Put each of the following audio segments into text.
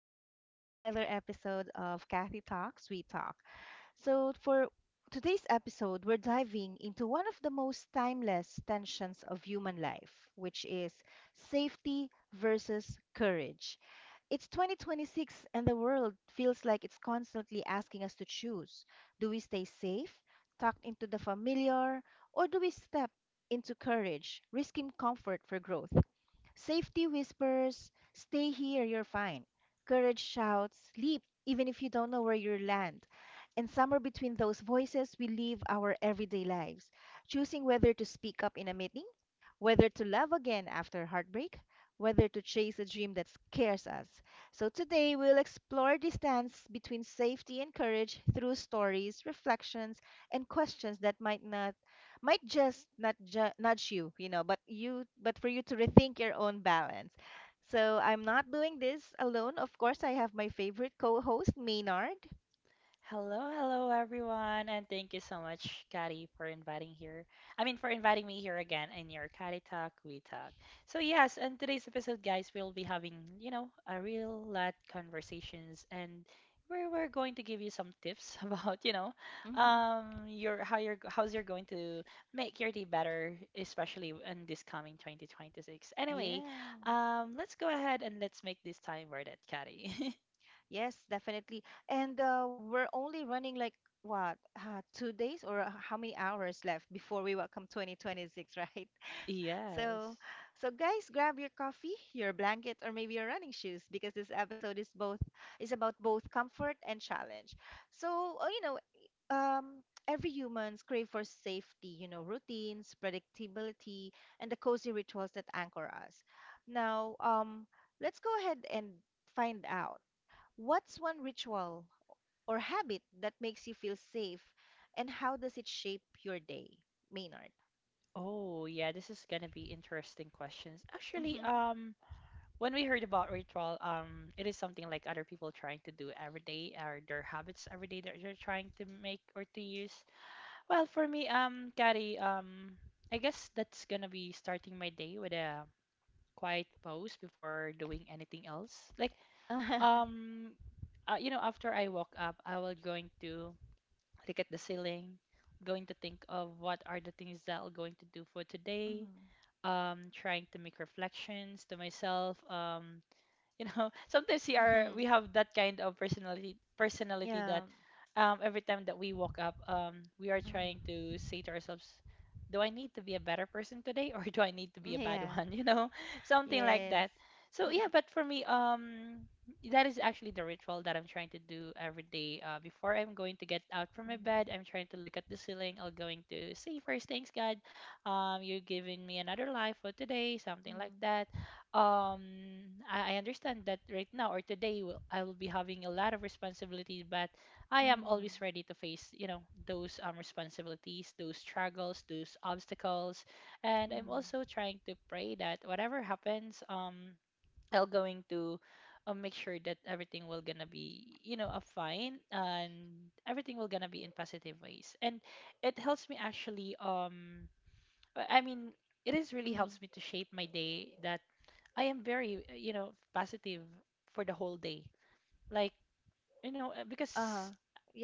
Welcome to another episode of Kathy Talks, We Talk. For today's episode, we're diving into one of the most timeless tensions of human life, which is safety versus courage. It's 2026, and the world feels like it's constantly asking us to choose, do we stay safe, tucked into the familiar, or do we step into courage, risking comfort for growth? Safety whispers, stay here, you're fine. Courage shouts, leap, even if you don't know where you'll land. And somewhere between those voices, we live our everyday lives, choosing whether to speak up in a meeting, whether to love again after heartbreak, whether to chase a dream that scares us. So today we'll explore the dance between safety and courage through stories, reflections, and questions that might just not nudge you, you know, but you but for you to rethink your own balance. So I'm not doing this alone. Of course, I have my favorite co-host, Maynard. Hello, hello everyone, and thank you so much, Kari, for inviting here. I mean, for inviting me here again in your Kari Talk We Talk. So yes, in today's episode, guys, we'll be having a real lot conversations, and we're going to give you some tips about you know hmm your how you're how's you're going to make your day better, especially in this coming 2026. Anyway, Yeah. Let's go ahead and let's make this time worth it, Kari. Yes, definitely. And we're only running like what, 2 days or how many hours left before we welcome 2026, right? So, Yes. so guys, grab your coffee, your blanket, or maybe your running shoes because this episode is both is about both comfort and challenge. So, um, every humans crave for safety, you know, routines, predictability, and the cozy rituals that anchor us. Now, let's go ahead and find out, what's one ritual or habit that makes you feel safe, and how does it shape your day, Maynard? Oh, yeah, this is gonna be interesting questions. Actually, Mhm. When we heard about ritual, it is something like other people trying to do every day or their habits every day that they're trying to make or to use. Well, for me, Gary, I guess that's gonna be starting my day with a quiet pause before doing anything else. Like, um, after I woke up, I will going to look at the ceiling, going to think of what are the things that I'm going to do for today, Mhm. Trying to make reflections to myself. Sometimes we Mhm. have that kind of personality Yeah. that every time that we walk up, we are trying Mhm. to say to ourselves, do I need to be a better person today, or do I need to be a bad Yeah. one? Something like Yes. that. So Mhm. yeah, but for me, that is actually the ritual that I'm trying to do every day, before I'm going to get out from my bed. I'm trying to look at the ceiling. I'm going to say first, thanks God, you're giving me another life for today, something like Mhm. that. um I understand that right now or today I will be having a lot of responsibilities, but I am Mhm. always ready to face, those responsibilities, those struggles, those obstacles, and I'm Mhm. also trying to pray that whatever happens, I'll going to make sure that everything will gonna be, a fine and everything will gonna be in positive ways, and it helps me actually. I mean it is Mhm. really Mhm. helps me to shape my day that I am very, positive for the whole day. Like, because Uh-huh.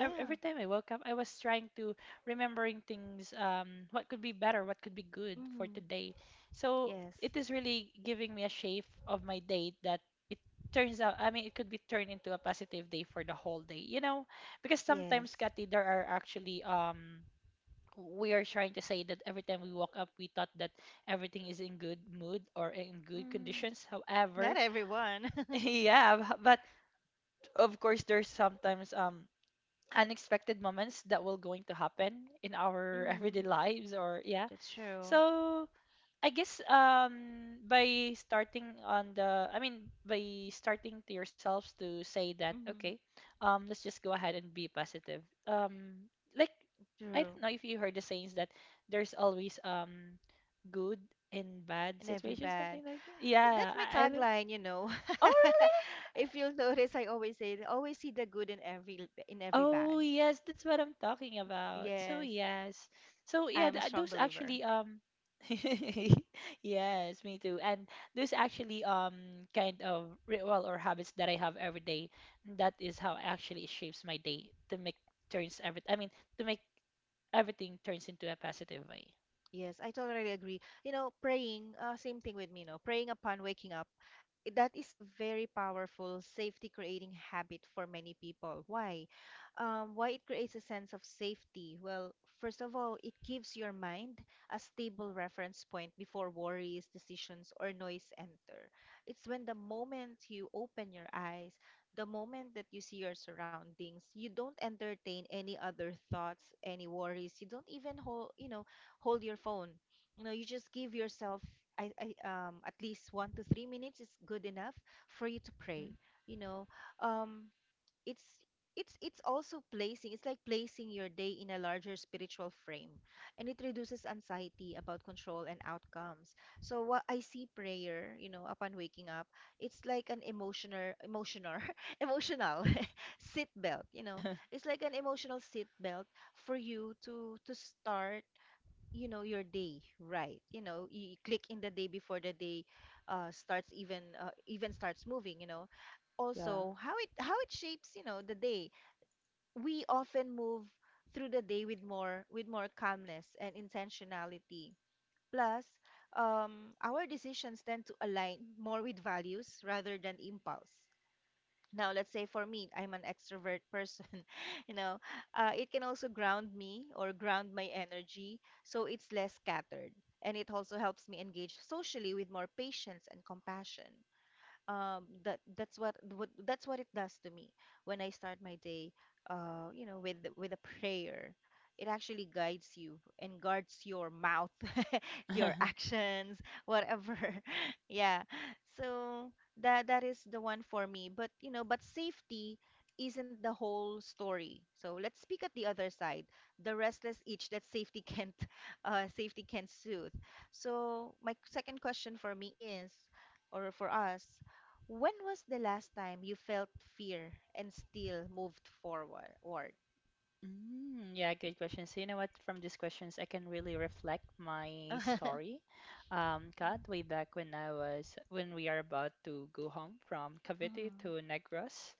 every time I woke up, I was trying to remembering things, what could be better, what could be good for Mhm. today. So Yes. it is really giving me a shape of my day that it turns out, I mean, it could be turned into a positive day for the whole day, because Yes. sometimes, Kathy, there are actually, we are trying to say that every time we woke up, we thought that everything is in good mood or in good Mhm. conditions. Not However, everyone. yeah, but of course there's sometimes unexpected moments that will going to happen in our everyday Mhm. lives, or yeah. That's true. So I guess by starting on the I mean by starting to yourselves to say that okay, Mhm. Let's just go ahead and be positive. Um like, I True. don't know if you heard the sayings that there's always good and bad And every situations, bad. something like that. That's Yeah, my I don't- tagline, you know. Oh, really? If you'll notice, I always say, always see the good in every bad. Oh yes, that's what I'm talking about. So Yes, yes. So yeah, I'm th a strong those believer. actually yes, me too. And those actually kind of ritual or habits that I have every day, that is how actually it shapes my day to make turns every I mean to make everything turns into a positive way. Yes, I totally agree. You know, praying, same thing with me, you know, praying upon waking up. That is a very powerful safety creating habit for many people. Why? Why it creates a sense of safety? Well, first of all, it gives your mind a stable reference point before worries, decisions, or noise enter. It's when the moment you open your eyes, the moment that you see your surroundings, you don't entertain any other thoughts, any worries. You don't even hold, you know, hold your phone. You know, you just give yourself I at least 1 to 3 minutes is good enough for you to pray. Mhm. You know, um, it's it's also placing it's like placing your day in a larger spiritual frame, and it reduces anxiety about control and outcomes. So what I see, prayer, you know, upon waking up, it's like an emotional emotional seat belt, you know. It's like an emotional seat belt for you to start, you know, your day right. You know, you click in the day before the day starts, even starts moving, you know. Yeah. Also how it shapes, you know, the day, we often move through the day with more calmness and intentionality, plus our decisions tend to align more with values rather than impulse. Now, let's say for me, I'm an extrovert person, you know, it can also ground me or ground my energy so it's less scattered. And it also helps me engage socially with more patience and compassion. That's what that's what it does to me when I start my day, you know, with a prayer. It actually guides you and guards your mouth, your actions, whatever. Yeah. So that is the one for me. But you know, but safety isn't the whole story. So let's speak at the other side, the restless itch that safety can't safety can't soothe. So my second question for me is, or for us, when was the last time you felt fear and still moved forward? Ward? Mm, yeah, good question. So you know what? From these questions, I can really reflect my Mhm, story. Cut way back when I was when we are about to go home from Cavite mhm, to Negros.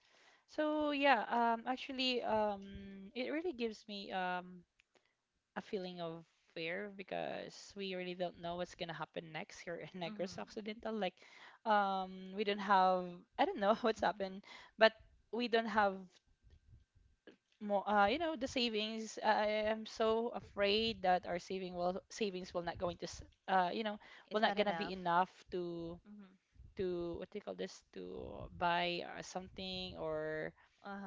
So yeah, actually, it really gives me a feeling of fear, because we really don't know what's gonna happen next here in mhm, Negros Occidental. Like, we don't have I don't know what's mhm. happened, but we don't have more, the savings. I am so afraid that our savings will not going to, It's will not not gonna be enough. enough to Mm-hmm. What do you call this, to buy something, or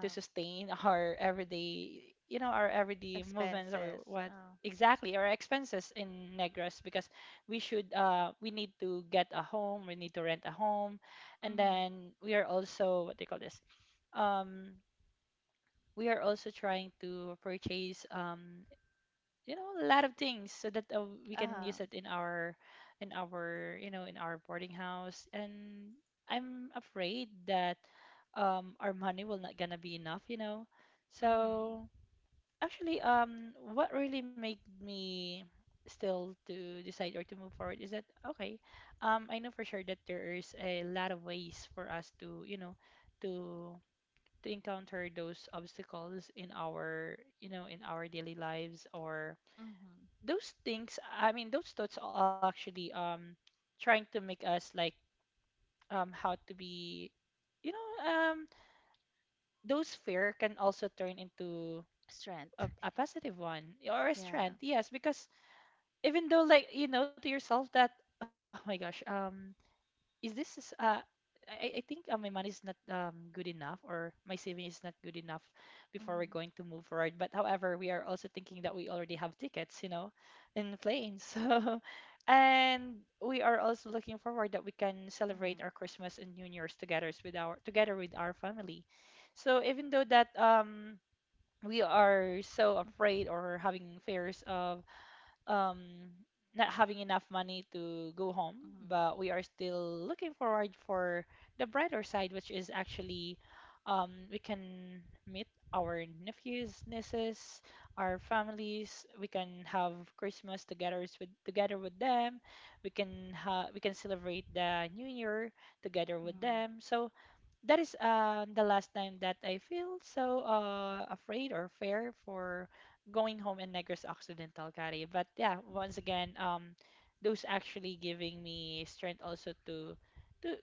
to sustain our everyday, our everyday movements, or Expenses. what, Uh, exactly, our expenses in Negros, because we need to get a home, we need to rent a home, and mm-hmm. then we are also, what do you call this? um we are also trying to purchase, a lot of things so that, we can Uh-huh. use it in our boarding house. And I'm afraid that our money will not gonna be enough, Mm-hmm. so actually, what really made me still to decide or to move forward is that, okay, I know for sure that there is a lot of ways for us to, to encounter those obstacles in our daily lives, or Mm-hmm. those things. I mean, those thoughts are actually, trying to make us, like, how to be, you know um those fear can also turn into Strength. a positive one, or a Yeah. strength, yes, because even though, like, you know to yourself that, oh my gosh, is this is- uh I think, my money is not, good enough, or my saving is not good enough before we're Mm-hmm. going to move forward. But however, we are also thinking that we already have tickets, you know, in planes. So, and we are also looking forward that we can celebrate Mm-hmm. our Christmas and New Year's together with our family. So even though that, we are so afraid or having fears of, um, not having enough money to go home, Mm-hmm. but we are still looking forward for the brighter side, which is actually, we can meet our nephews, nieces, our families. We can have Christmas together with them. We can celebrate the New Year together with them. So that is, the last time that I feel so, afraid or fear for going home in Negros Occidental, Kari. But yeah, once Mm-hmm. again, those actually giving me strength also to to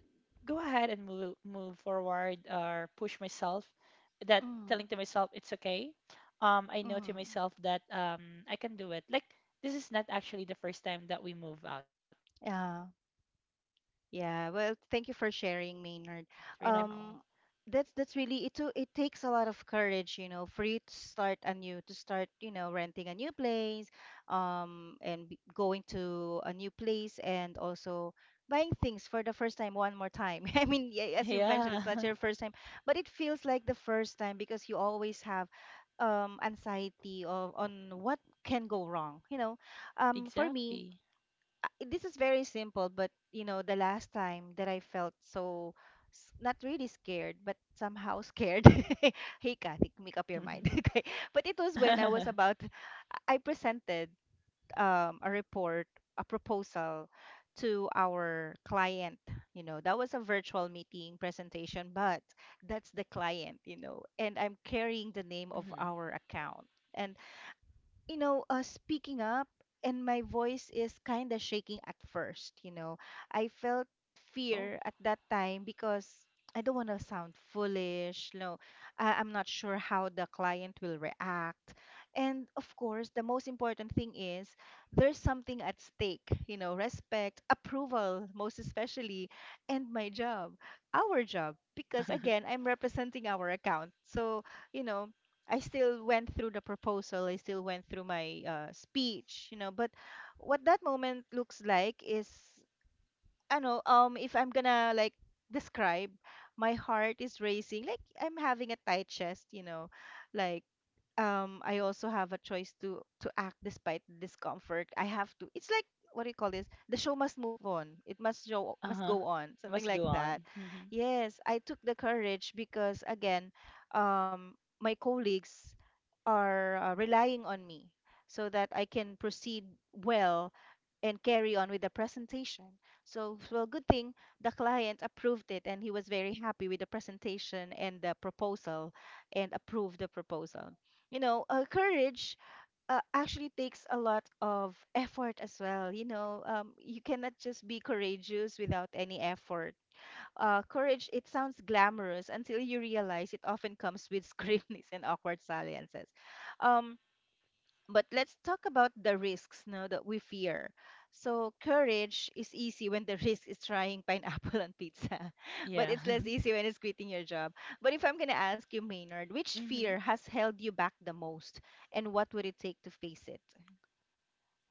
go ahead and move forward, or push myself. That Mm-hmm. Mm-hmm. telling to myself it's okay. I know to Mm-hmm. myself that, I can do it. Like, this is not actually the first time that we move out. Yeah. So if I can do it before, Yeah, I'm well, pretty sure thank you that for it much sharing, more Maynard. easier for now. Um, that's really it. It takes a lot of courage, you know, for you to start anew, to start, you know, renting a new place, and going to a new place, and also buying things for the first time one more time. I mean, yeah, as you've mentioned, Yeah, it's not your first time, but it feels like the first time because you always have, anxiety of on what can go wrong. You know, for me, exactly. This is very simple, but you know, the last time that I felt so not really scared, but somehow scared. Hey, Kathy, make up your mind. Okay. But it was when I was I presented a report, a proposal to our client. You know, that was a virtual meeting presentation, but that's the client, you know, and I'm carrying the name of Mhm. our account. And you know, speaking up, and my voice is kind of shaking at first, you know. I felt Oh, fear at that time because I don't want to sound foolish. No, I'm not sure how the client will react. And of course, the most important thing is there's something at stake, you know, respect, approval, most especially, and my job, our job. Because again, I'm representing our account. So, you know, I still went through the proposal. I still went through my speech, you know. But what that moment looks like is, I know, if I'm gonna like describe, my heart is racing, like I'm having a tight chest, you know, like I also have a choice to act despite the discomfort. I have to. It's like, what do you call this? The show must move on. It must, show must uh-huh. go on. Must Something go like on. that. Mhm. Yes, I took the courage because again, my colleagues are relying on me so that I can proceed well and carry on with the presentation. So, well, good thing the client approved it and he was very happy with the presentation and the proposal and approved the proposal. You know, courage actually takes a lot of effort as well. You know, you cannot just be courageous without any effort. Courage, it sounds glamorous until you realize it often comes with scriptness and awkward silences. Um, but let's talk about the risks, no, that we fear. So courage is easy when the risk is trying pineapple on pizza, but Yeah. it's less easy when it's quitting your job. But if I'm gonna ask you, Maynard, which fear Hmm. has held you back the most, and what would it take to face it?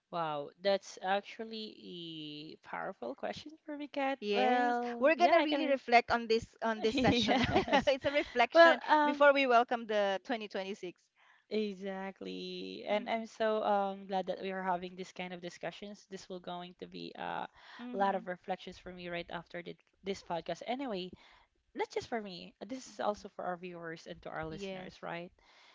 Wow, that's actually a powerful question for me, Kat. Yes, Well, we're yeah, gonna I can. really reflect on this session. Yes. It's a Well, reflection before we welcome the 2026. exactly. And Mm-hmm. I'm so glad that we are having this kind of discussions. This will going to be, a lot Mm-hmm. of reflections for me right after this podcast. Anyway, not just for me, this is Mm-hmm. also for our viewers and to our listeners, Yes, right?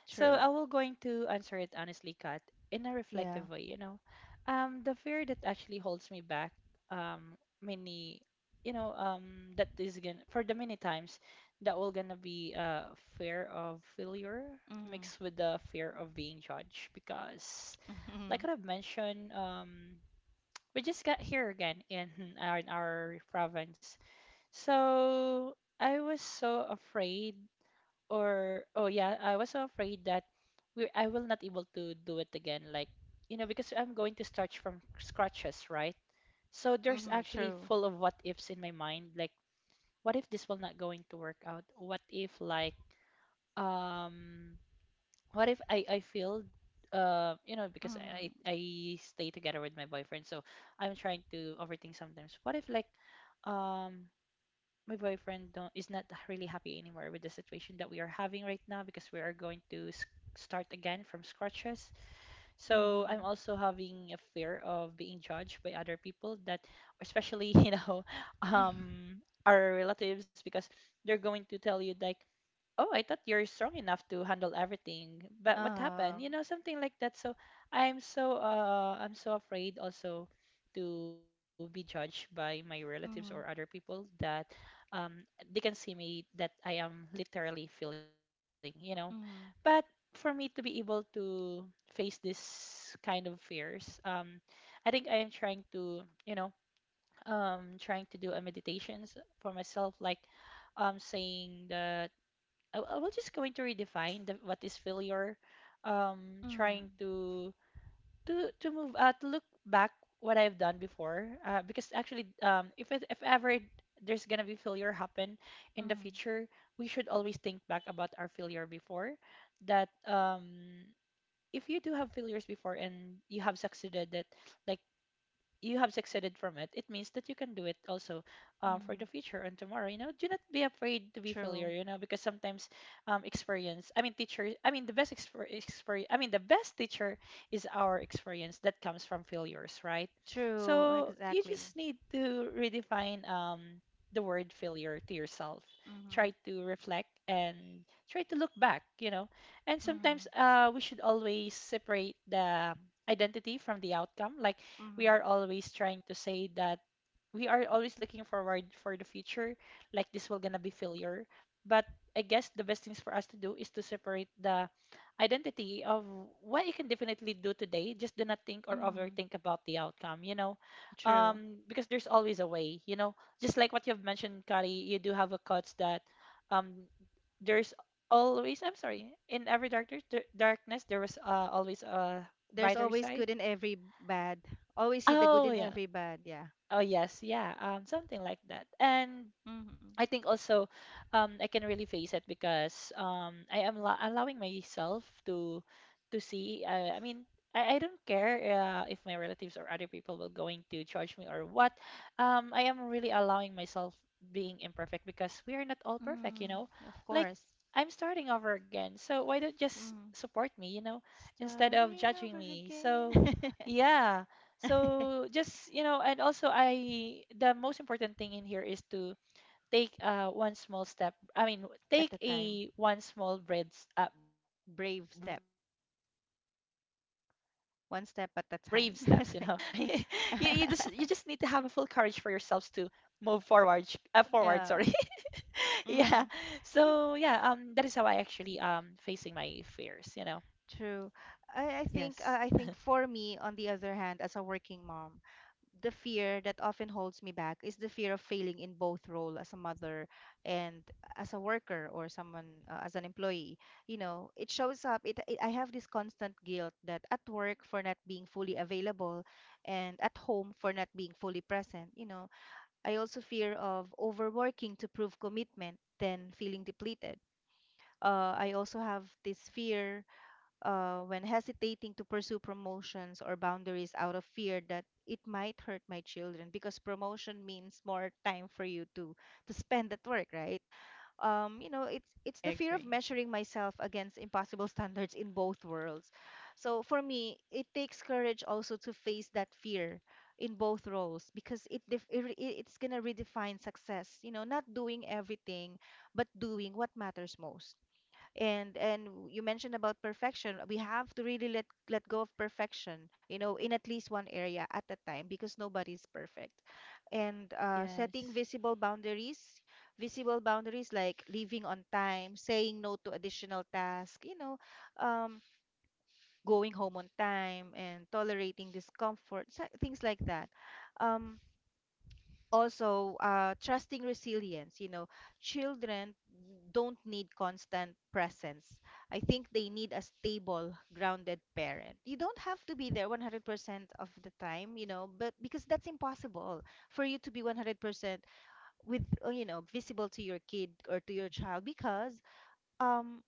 So I true. will going to answer it honestly, Kat, in a Yeah. reflective way. The fear that actually holds me back, um, many, that is gonna, for the many times, that will gonna be, fear of failure Mm-hmm. mixed with the fear of being judged, because, like Mm-hmm. I've mentioned, we just got here again in, our, in our province. So I was so afraid, or oh yeah, I was so afraid that we I will not able to do it again. Like, because I'm going to start from scratches, right? So there's Mm-hmm. actually True. full of what ifs in my mind. Like, what if this will not going to work out? What if, like, um, what if I I feel, because Mhm. I stay together with my boyfriend, so I'm trying to overthink sometimes. What if, like, um my boyfriend don't is not really happy anymore with the situation that we are having right now, because we are going to start again from scratches. So I'm Mhm. also having a fear of being judged by other people that, especially our relatives, because they're going to tell you like, oh, I thought you're strong enough to handle everything, but what happened? Um, Something like that. So I'm so afraid also to be judged by my relatives or mhm. other people that, um they can see me that I am literally feeling. Mhm. But for me to be able to face this kind of fears, I think I am trying to, you know, trying to do a meditations for myself like saying that I will just going to redefine the, what is failure. Mhm. Trying to to move to look back what I've done before. Because actually, if ever there's gonna be failure happen in the Mhm. future, we should always think back about our failure before. That if you do have failures before and you have succeeded, that like you have succeeded from it, it means that you can do it also for Mhm. the future and tomorrow. You know, do not be afraid to be True. failure. You know, because sometimes experience. I mean, teacher. I mean, the best exper- experience. I mean, the best teacher is our experience that comes from failures, right? True. So you Exactly. just need to redefine the word failure to yourself. Mhm. Try to reflect and try to look back. You know, and sometimes Mhm. We should always separate the identity from the outcome like we Mhm. are always trying to say that we are always looking forward for the future, like this will gonna be failure. But I guess the best things for us to do is to separate the identity of what you can definitely do today. Just do not think or Mhm. overthink about the outcome, you know, True. Because there's always a way, you know. Just like what you've mentioned, Kari, you do have a quote that um, there's always. I'm sorry, in every darkness there was always a There's brighter always side. good in every bad. Always see the good Oh in yeah, every bad, yeah. Oh yes, yeah, something like that. And Mhm. I think also I can really face it because I am allowing myself to see. I mean, I don't care if my relatives or other people will going to judge me or what. I am really allowing myself being imperfect because we are not all perfect, you Mhm. know. Of Like course. I'm starting over again, so why don't just Mhm. support me, you know, instead of Starting judging over me. So again. yeah. So just, you know, and also I the most important thing in here is to take one small step. I mean, At take the time. a one small brave steps. You Brave know, step. sorry, you just need to have a One full step at a courage for time. yourselves to Something. move forward. Forward, sorry. yeah. So Yeah. yeah, that is how I Mm-hmm. actually facing my fears. You know. True. Yes, I think for me, on the other hand, as a working mom, the fear that often holds me back is the fear of failing in both role as a mother and as a worker or someone, as an employee. You know, it shows up. It I have this constant guilt that at work for not being fully available, and at home for not being fully present. You know, I also fear of overworking to prove commitment, then feeling depleted. I also have this fear when hesitating to pursue promotions or boundaries out of fear that it might hurt my children, because promotion means more time for you to spend at work, right? It's I the fear of agree. measuring myself against impossible standards in both worlds. So for me, it takes courage also to face that fear in both roles, because it, def- it re- it's going to redefine success, you know, not doing everything but doing what matters most. And you mentioned about perfection. We have to really let go of perfection, you know, in at least one area at a time, because nobody's perfect. And setting Yes. visible boundaries, visible boundaries, like leaving on time, saying no to additional tasks, you know. um, Going home on time and tolerating discomfort, things like that. um, Also, trusting resilience, you know. Children don't need constant presence. I think they need a stable, grounded parent. You don't have to be there 100% of the time, you know, but because that's impossible for you to be 100% with, you know, visible to your kid or to your child, because um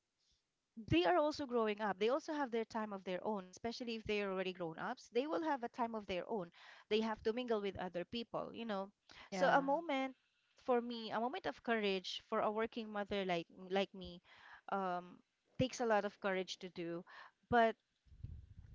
they are also growing up. They also have their time of their own, especially if they are already grown ups. They will have a time of their own. They have to mingle with other people, you know. So a Yeah. moment, for me, a moment of courage for a working mother like me, um, takes a lot of courage to do. But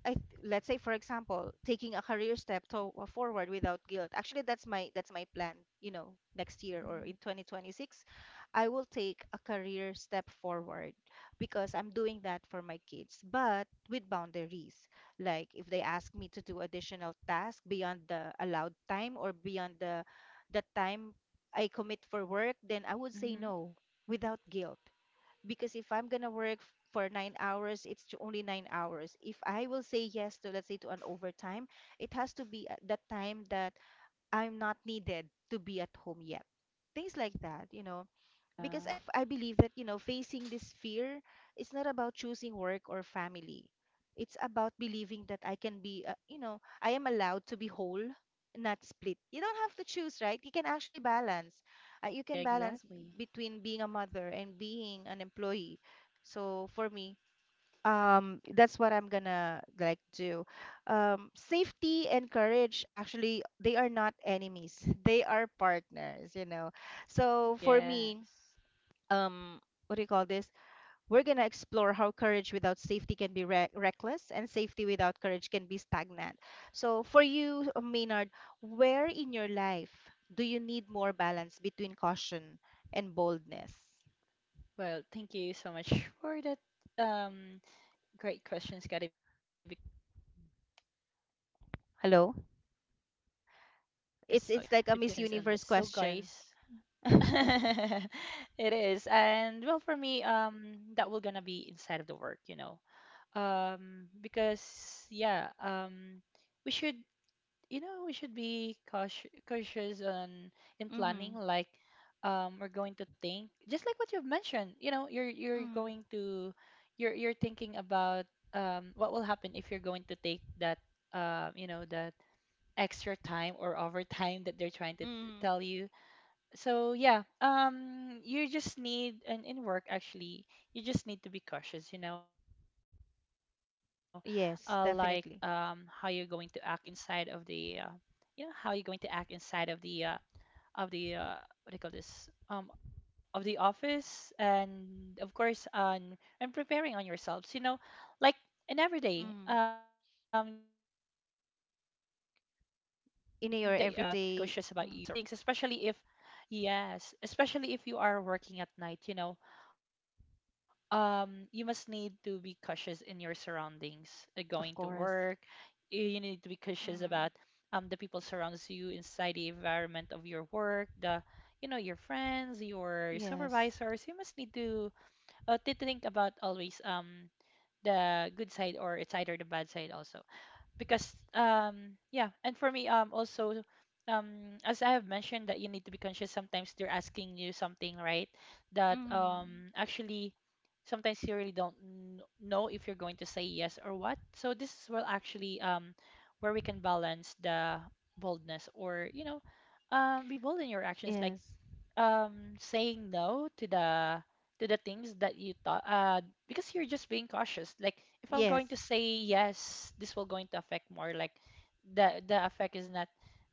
let's say, for example, taking a career step to forward without guilt. Actually, that's my plan, you know, next year or Mm-hmm. in 2026. I will take a career step forward because I'm doing that for my kids, but with boundaries. Like if they ask me to do additional tasks beyond the allowed time or beyond the time I commit for work, then I would say Mm-hmm. no, without guilt. Because if I'm gonna work for nine hours, it's to only nine hours. If I will say yes to, let's say, to an overtime, it has to be at the time that I'm not needed to be at home yet. Things like that, you know. Because Yeah. I believe that, you know, facing this fear, it's not about choosing work or family. It's about believing that I can be, you know, I am allowed to be whole, not split. You don't have to choose, right? You can actually balance, you can balance Exactly. between being a mother and being an employee. So for me, that's what I'm gonna like do. Safety and courage, actually they are not enemies. They are partners, you know. So for me, Yes. um what do you call this, we're going to explore how courage without safety can be reckless, and safety without courage can be stagnant. So for you, Maynard, where in your life do you need more balance between caution and boldness? Well, thank you so much for that. Um, Great question, Scotty, because yep, we really need this one. We need to be more balanced, Hello. You know, between cautions and It's boldness. like a So, Miss guys, Universe question. it is. And well, for me, that will gonna be inside of the work, you know. Because yeah, we should you know, we should be cautious, cautious on in planning. hmm Like, we're going to think just like what you've mentioned. You know, you're hmm going to you're thinking about what will happen if you're going to take that you know that extra time or overtime that they're trying to hmm tell you. So yeah, you just need and in work actually, you just need to be cautious, you know, like how you're yes, going to act definitely. inside of the, you know, how you're going to act inside of the of the uh, what do you call this? Of the office, and of course on and preparing on yourselves, you know, like in every day, hmm that every time that you're going to work, you should think about, in you your should be cautious everyday. about mm, your surroundings, especially if Yes, especially if you are working at night, you know, you must need to be cautious in your surroundings, of going to course. work. You need to be cautious mm. about the people surrounds you inside the environment of your work, the you know your friends, your Yes. supervisors. You must need to think about always the good side or it's either the bad side also because yeah and for me also as I have mentioned that you need to be conscious sometimes they're asking you something right that hmm actually sometimes you really don't know if you're going to say yes or what so this is well actually where we can balance the boldness or you know be bold in your actions like yes. Saying no to the to the things that you thought because you're just being cautious like if I'm Yes. going to say yes this will going to affect more like the effect is not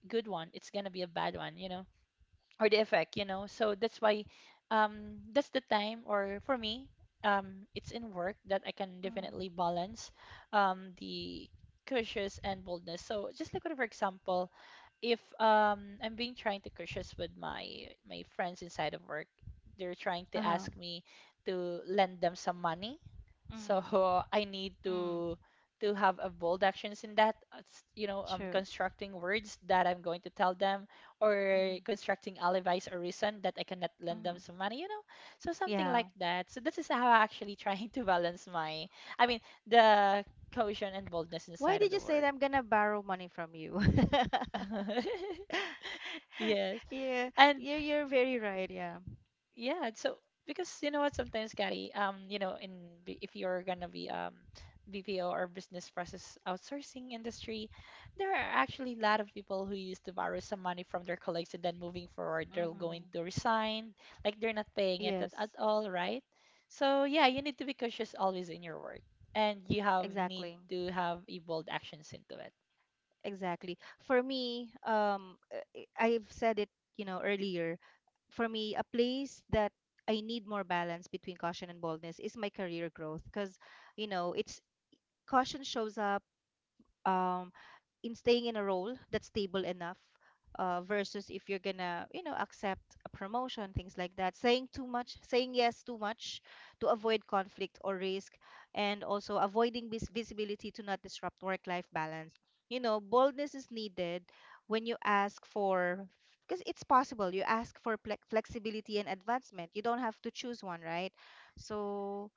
good one it's going to be a bad one you know or the effect you know so that's why that's the time or for me it's in work that I can Mm. definitely balance the cautious and boldness. So just like for example if I'm being trying to cautious with my friends inside of work, they're trying to Uh-huh. ask me to lend them some money. So Mm. I need Mm. To have a bold actions in that, you know, True. constructing words that I'm going to tell them or Mm-hmm. constructing alibis or reason that I cannot lend Mm-hmm. them some money, you know, so something Yeah. like that. So this is how I actually trying to balance my, I mean, the caution and boldness Why inside did of you the say that work. I'm gonna borrow money from you? Yes. Yeah, And you're very right, yeah. yeah, so because you know what, sometimes, Gary, you know, in if you're gonna be BPO or business process outsourcing industry, there are actually a lot of people who used to borrow some money from their colleagues and then moving forward, they're going to Mm-hmm. resign, like they're not paying it at Yes, all, right? So yeah, you need to be cautious always in your work, and you have need exactly. to have a bold actions into it. Exactly. For me, I've said it, you know, earlier. For me, a place that I need more balance between caution and boldness is my career growth, because, you know, it's, caution shows up um, in staying in a role that's stable enough, versus if you're gonna, you know, accept a promotion, things like that. Saying too much, saying yes too much to avoid conflict or risk, and also avoiding visibility to not disrupt work-life balance. You know, boldness is needed when you ask for, because it's possible, you ask for flexibility and advancement. You don't have to choose one, right? So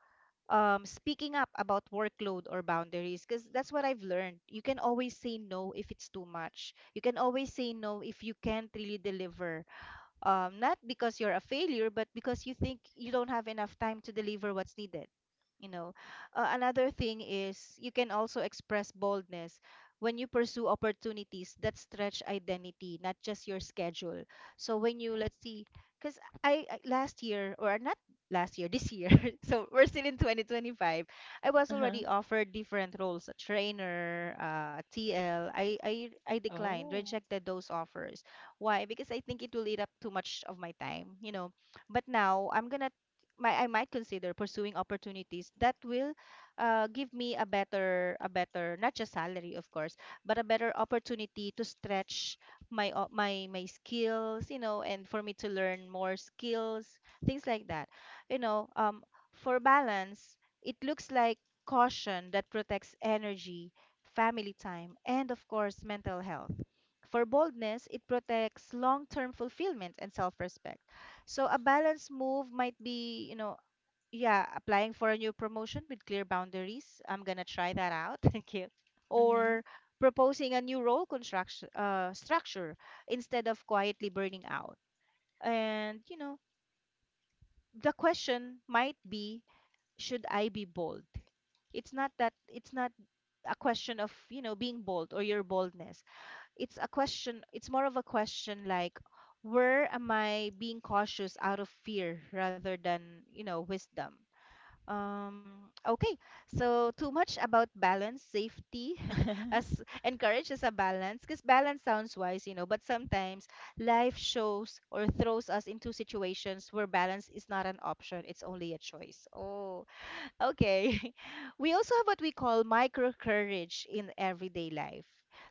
speaking up about workload or boundaries, because that's what I've learned. You can always say no if it's too much. You can always say no if you can't really deliver, not because you're a failure, but because you think you don't have enough time to deliver what's needed. You know, another thing is you can also express boldness when you pursue opportunities that stretch identity, not just your schedule. So when you, let's see, because I last year, or not last year, this year, so we're still in 2025. I was Uh-huh. already offered different roles, a trainer, TL. I declined, Oh. rejected those offers. Why? Because I think it will eat up too much of my time, you know. But now I'm gonna, my I might consider pursuing opportunities that will give me a better, a better, not just salary of course, but a better opportunity to stretch my o- my my skills, you know, and for me to learn more skills, things like that. You know, for balance, it looks like caution that protects energy, family time, and of course mental health. For boldness, it protects long-term fulfillment and self-respect. So a balanced move might be, you know, yeah, applying for a new promotion with clear boundaries. I'm gonna try that out. Thank you. Or proposing a new role construction, structure, instead of quietly burning out. And you know, the question might be, should I be bold? It's not that, it's not a question of, you know, being bold or your boldness. It's a question, it's more of a question like, where am I being cautious out of fear rather than, you know, wisdom. Okay. So too much about balance, safety Mm-hmm. as encourages a balance, because balance sounds wise, you know, but sometimes life shows or throws us into situations where balance is not an option, it's only a choice. Oh, okay. We also have what we call micro courage in everyday life.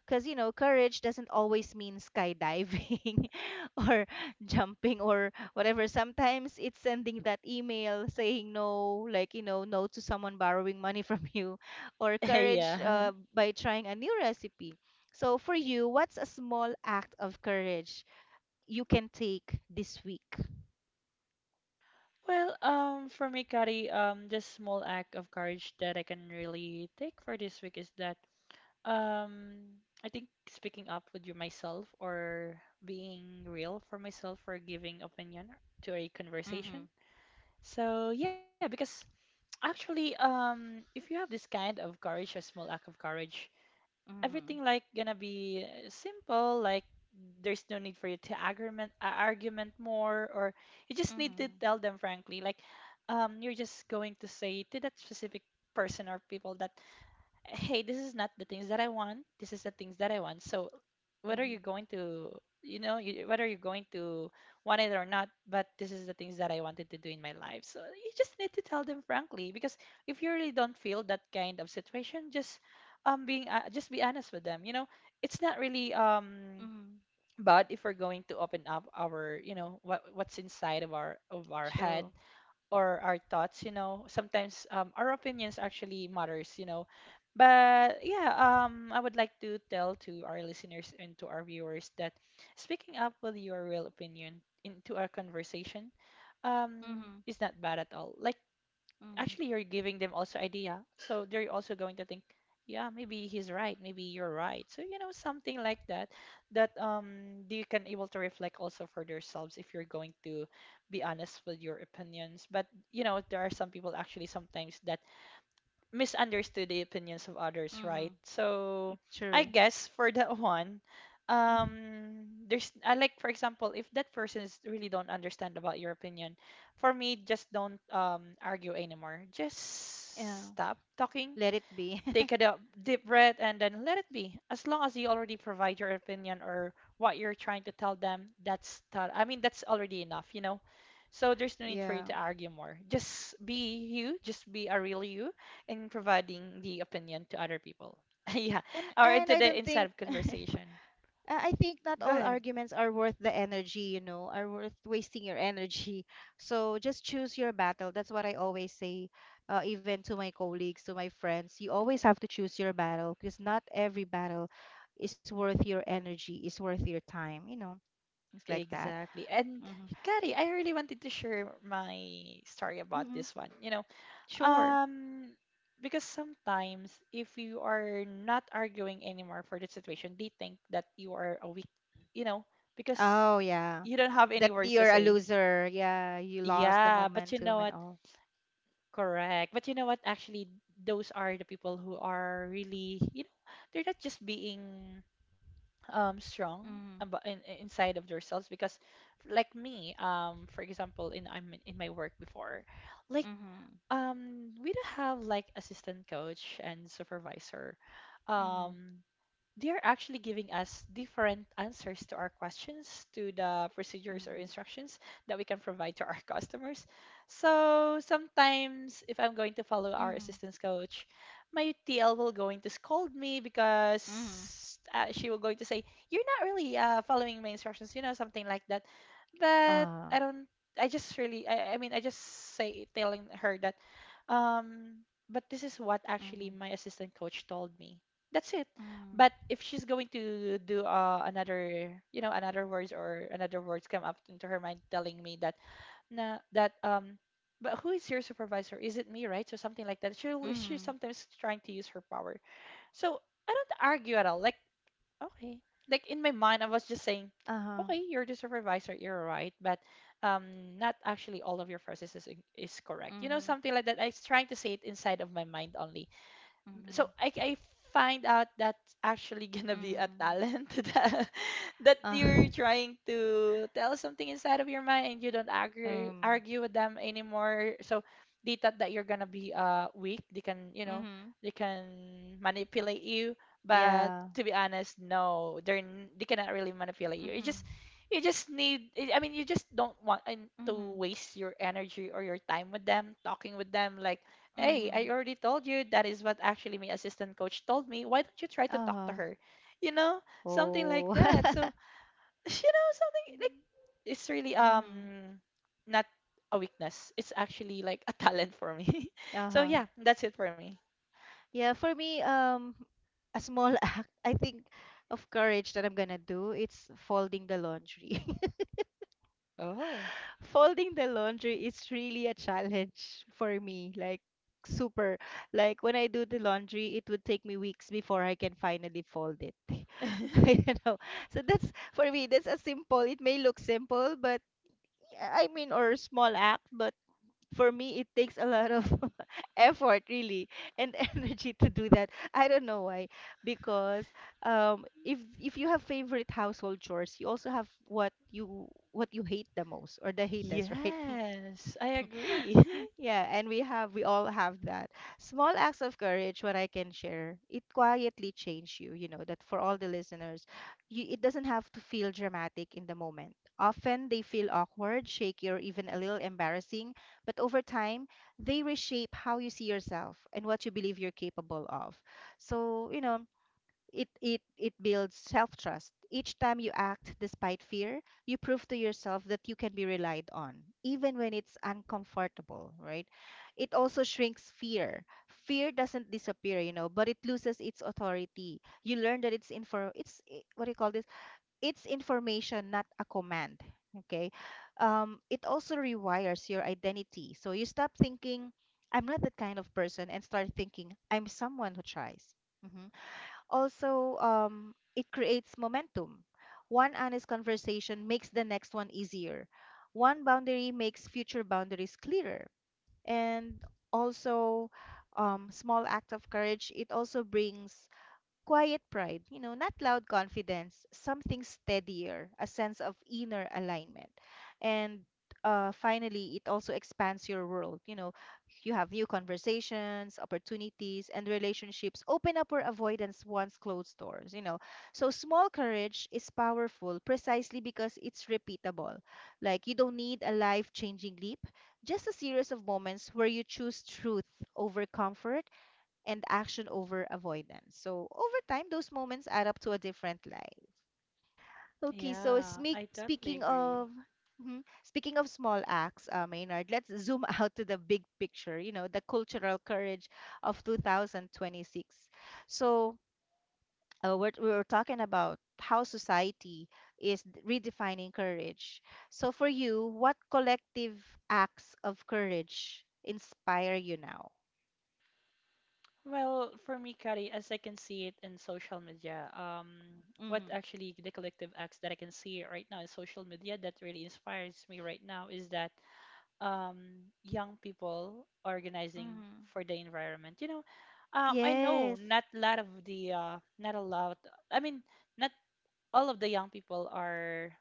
Because, you know, courage doesn't always mean skydiving or jumping or whatever. Sometimes it's sending that email saying no, like, you know, no to someone borrowing money from you, or courage Yeah. By trying a new recipe. So, for you, what's a small act of courage you can take this week? Well, for me, Kari, the small act of courage that I can really take for this week is that, I think speaking up with you myself or being real for myself or giving opinion to a Mm-hmm. conversation. So yeah, because actually, if you have this kind of courage, a small act of courage, Mm-hmm. everything like gonna be simple like there's no need for you to argument more or you just need to Mm-hmm. tell them frankly like you're just going to say to that specific person or people that hey, this is not the things that I want. This is the things that I want. So whether Mm-hmm. you're going to, you know, you, whether you're going to want it or not, but this is the things that I wanted to do in my life. So you just need to tell them frankly, because if you really don't feel that kind of situation, just being just be honest with them. You know, it's not really Mm-hmm. bad if we're going to open up our, you know, what's inside of our head True. or our thoughts, you know, sometimes our opinions actually matters, you know. But yeah, I would like to tell to our listeners and to our viewers that speaking up with your real opinion into our conversation Mhm. is not bad at all. Like Mhm. actually you're giving them also idea so they're also going to think yeah maybe he's right maybe you're right so you know something like that that you can able to reflect also for yourselves if you're going to be honest with your opinions but you know there are some people actually sometimes that misunderstood the opinions of others, right? Mhm. So I True. guess for that one, Mhm. There's I like for example, if that person is really don't understand about your opinion, for me, just don't argue anymore. Just Yeah. stop talking. Let it be. Take a deep breath and then let it be. As long as you already provide your opinion or what you're trying to tell them, that's I mean that's already enough, you know. So there's no need for you Yeah. to argue more. Just be you, just be a real you in providing the opinion to other people. Yeah, And or and into I the don't inside think. of I conversation. Think not Go all ahead. arguments are worth the energy, you know, are worth wasting your energy. So just choose your battle. That's what I always say, even to my colleagues, to my friends. You always have to choose your battle, because not every battle is worth your energy, is worth your time, you know, things like that. Exactly. And Mm-hmm. Kari, I really wanted to share my story about Mm-hmm. this one. You know, Sure. Um, because sometimes if you are not arguing anymore for the situation, they think that you are a weak, you know, because Oh, yeah. you don't have any That words to you're a say. loser. Yeah, you lost the Yeah, but you know momentum and what? all. Correct. But you know what? Actually, those are the people who are really, you know, they're not just being strong Mhm. about inside of themselves because like me, for example, in I'm in my work before, like Mhm. We do have like assistant coach and supervisor. Mhm. Um, they are actually giving us different answers to our questions, to the procedures or instructions that we can provide to our customers. So sometimes, if I'm going to follow our Mhm. assistance coach, my TL will going to scold me Mhm. Mhm. because she will going to say, "You're not really following my instructions," you know, something like that. But Uh, I don't. I just really. I mean, I just say telling her that. Um, but this is what actually Mhm. my assistant coach told me. That's it. Mhm. But if she's going to do another, another words or another words come up into her mind telling me that nah, that but who is your supervisor? Is it me, right? So something like that. She sometimes trying to use her power. So I don't argue at all. Like okay, like in my mind I was just saying, Mhm. Okay, you're the supervisor, you're right, but not actually all of your processes is correct. You know, Mhm. something like that. I was trying to say it inside of my mind only, so Mhm. I find out that's actually gonna be a Mhm. talent that, uh, you're trying to tell something inside of your mind and you don't argue um, argue with them anymore. So they thought that you're gonna be weak. They can, you know, Mhm. they can manipulate you. But yeah. to be honest, no, they're they cannot really manipulate you. You Mhm. just you just need, I mean, you just don't want and to Mhm. waste your energy or your time with them, talking with them like, "Hey, I Mhm. already told you that is what actually my assistant coach told me. Why don't you try to talk to Uh, her?" You know, something like oh. that. So, you know, something like it's really Mhm. Not a weakness. It's actually like a talent for me. So Uh-huh. yeah, that's it for me. Yeah, for me, a small act, I think, of courage that I'm gonna do, it's folding the laundry. Oh. Folding the laundry is really a challenge for me, like super. Like when I do the laundry, it would take me weeks before I can finally fold it. I don't know. So that's for me, that's a simple, it may look simple, but yeah, I mean, or small act, but for me it takes a lot of effort, really, and energy to do that. I don't know why, because if you have favorite household chores, you also have what you, what you hate the most, or the hatest, right? Yes, I agree. Yeah, and we have we all have that. Small acts of courage, what I can share: it quietly change you, you know, that, for all the listeners, you, it doesn't have to feel dramatic in the moment. Often they feel awkward, shaky, or even a little embarrassing, but over time, they reshape how you see yourself and what you believe you're capable of. So, you know, it it builds self-trust. Each time you act despite fear, you prove to yourself that you can be relied on, even when it's uncomfortable, right? It also shrinks fear. Fear doesn't disappear, you know, but it loses its authority. You learn that it's info, it's what do you call this? It's information, not a command. Okay. It also rewires your identity. So you stop thinking, I'm not that kind of person, and start thinking, I'm someone who tries. Mm-hmm. Also, it creates momentum. One honest conversation makes the next one easier. One boundary makes future boundaries clearer. And also, small act of courage, it also brings quiet pride, you know, not loud confidence, something steadier, a sense of inner alignment. And finally, it also expands your world. You know, you have new conversations, opportunities, and relationships open up or avoidance once closed doors, you know. So small courage is powerful precisely because it's repeatable. Like you don't need a life-changing leap, just a series of moments where you choose truth over comfort and action over avoidance. So over time, those moments add up to a different life. Okay, so Yeah, I totally speaking agree. of mhm, speaking of small acts, Maynard, let's zoom out to the big picture. You know, the cultural courage of 2026. So we're talking about how society is redefining courage. So for you, what collective acts of courage inspire you now? Well, for me, Kari, as I can see it in social media, what Mm-hmm. actually the collective acts that I can see right now in social media that really inspires me right now is that young people organizing Mm-hmm. for the environment. You know, I know Yes. not a lot of the not a lot. I mean, not all of the young people are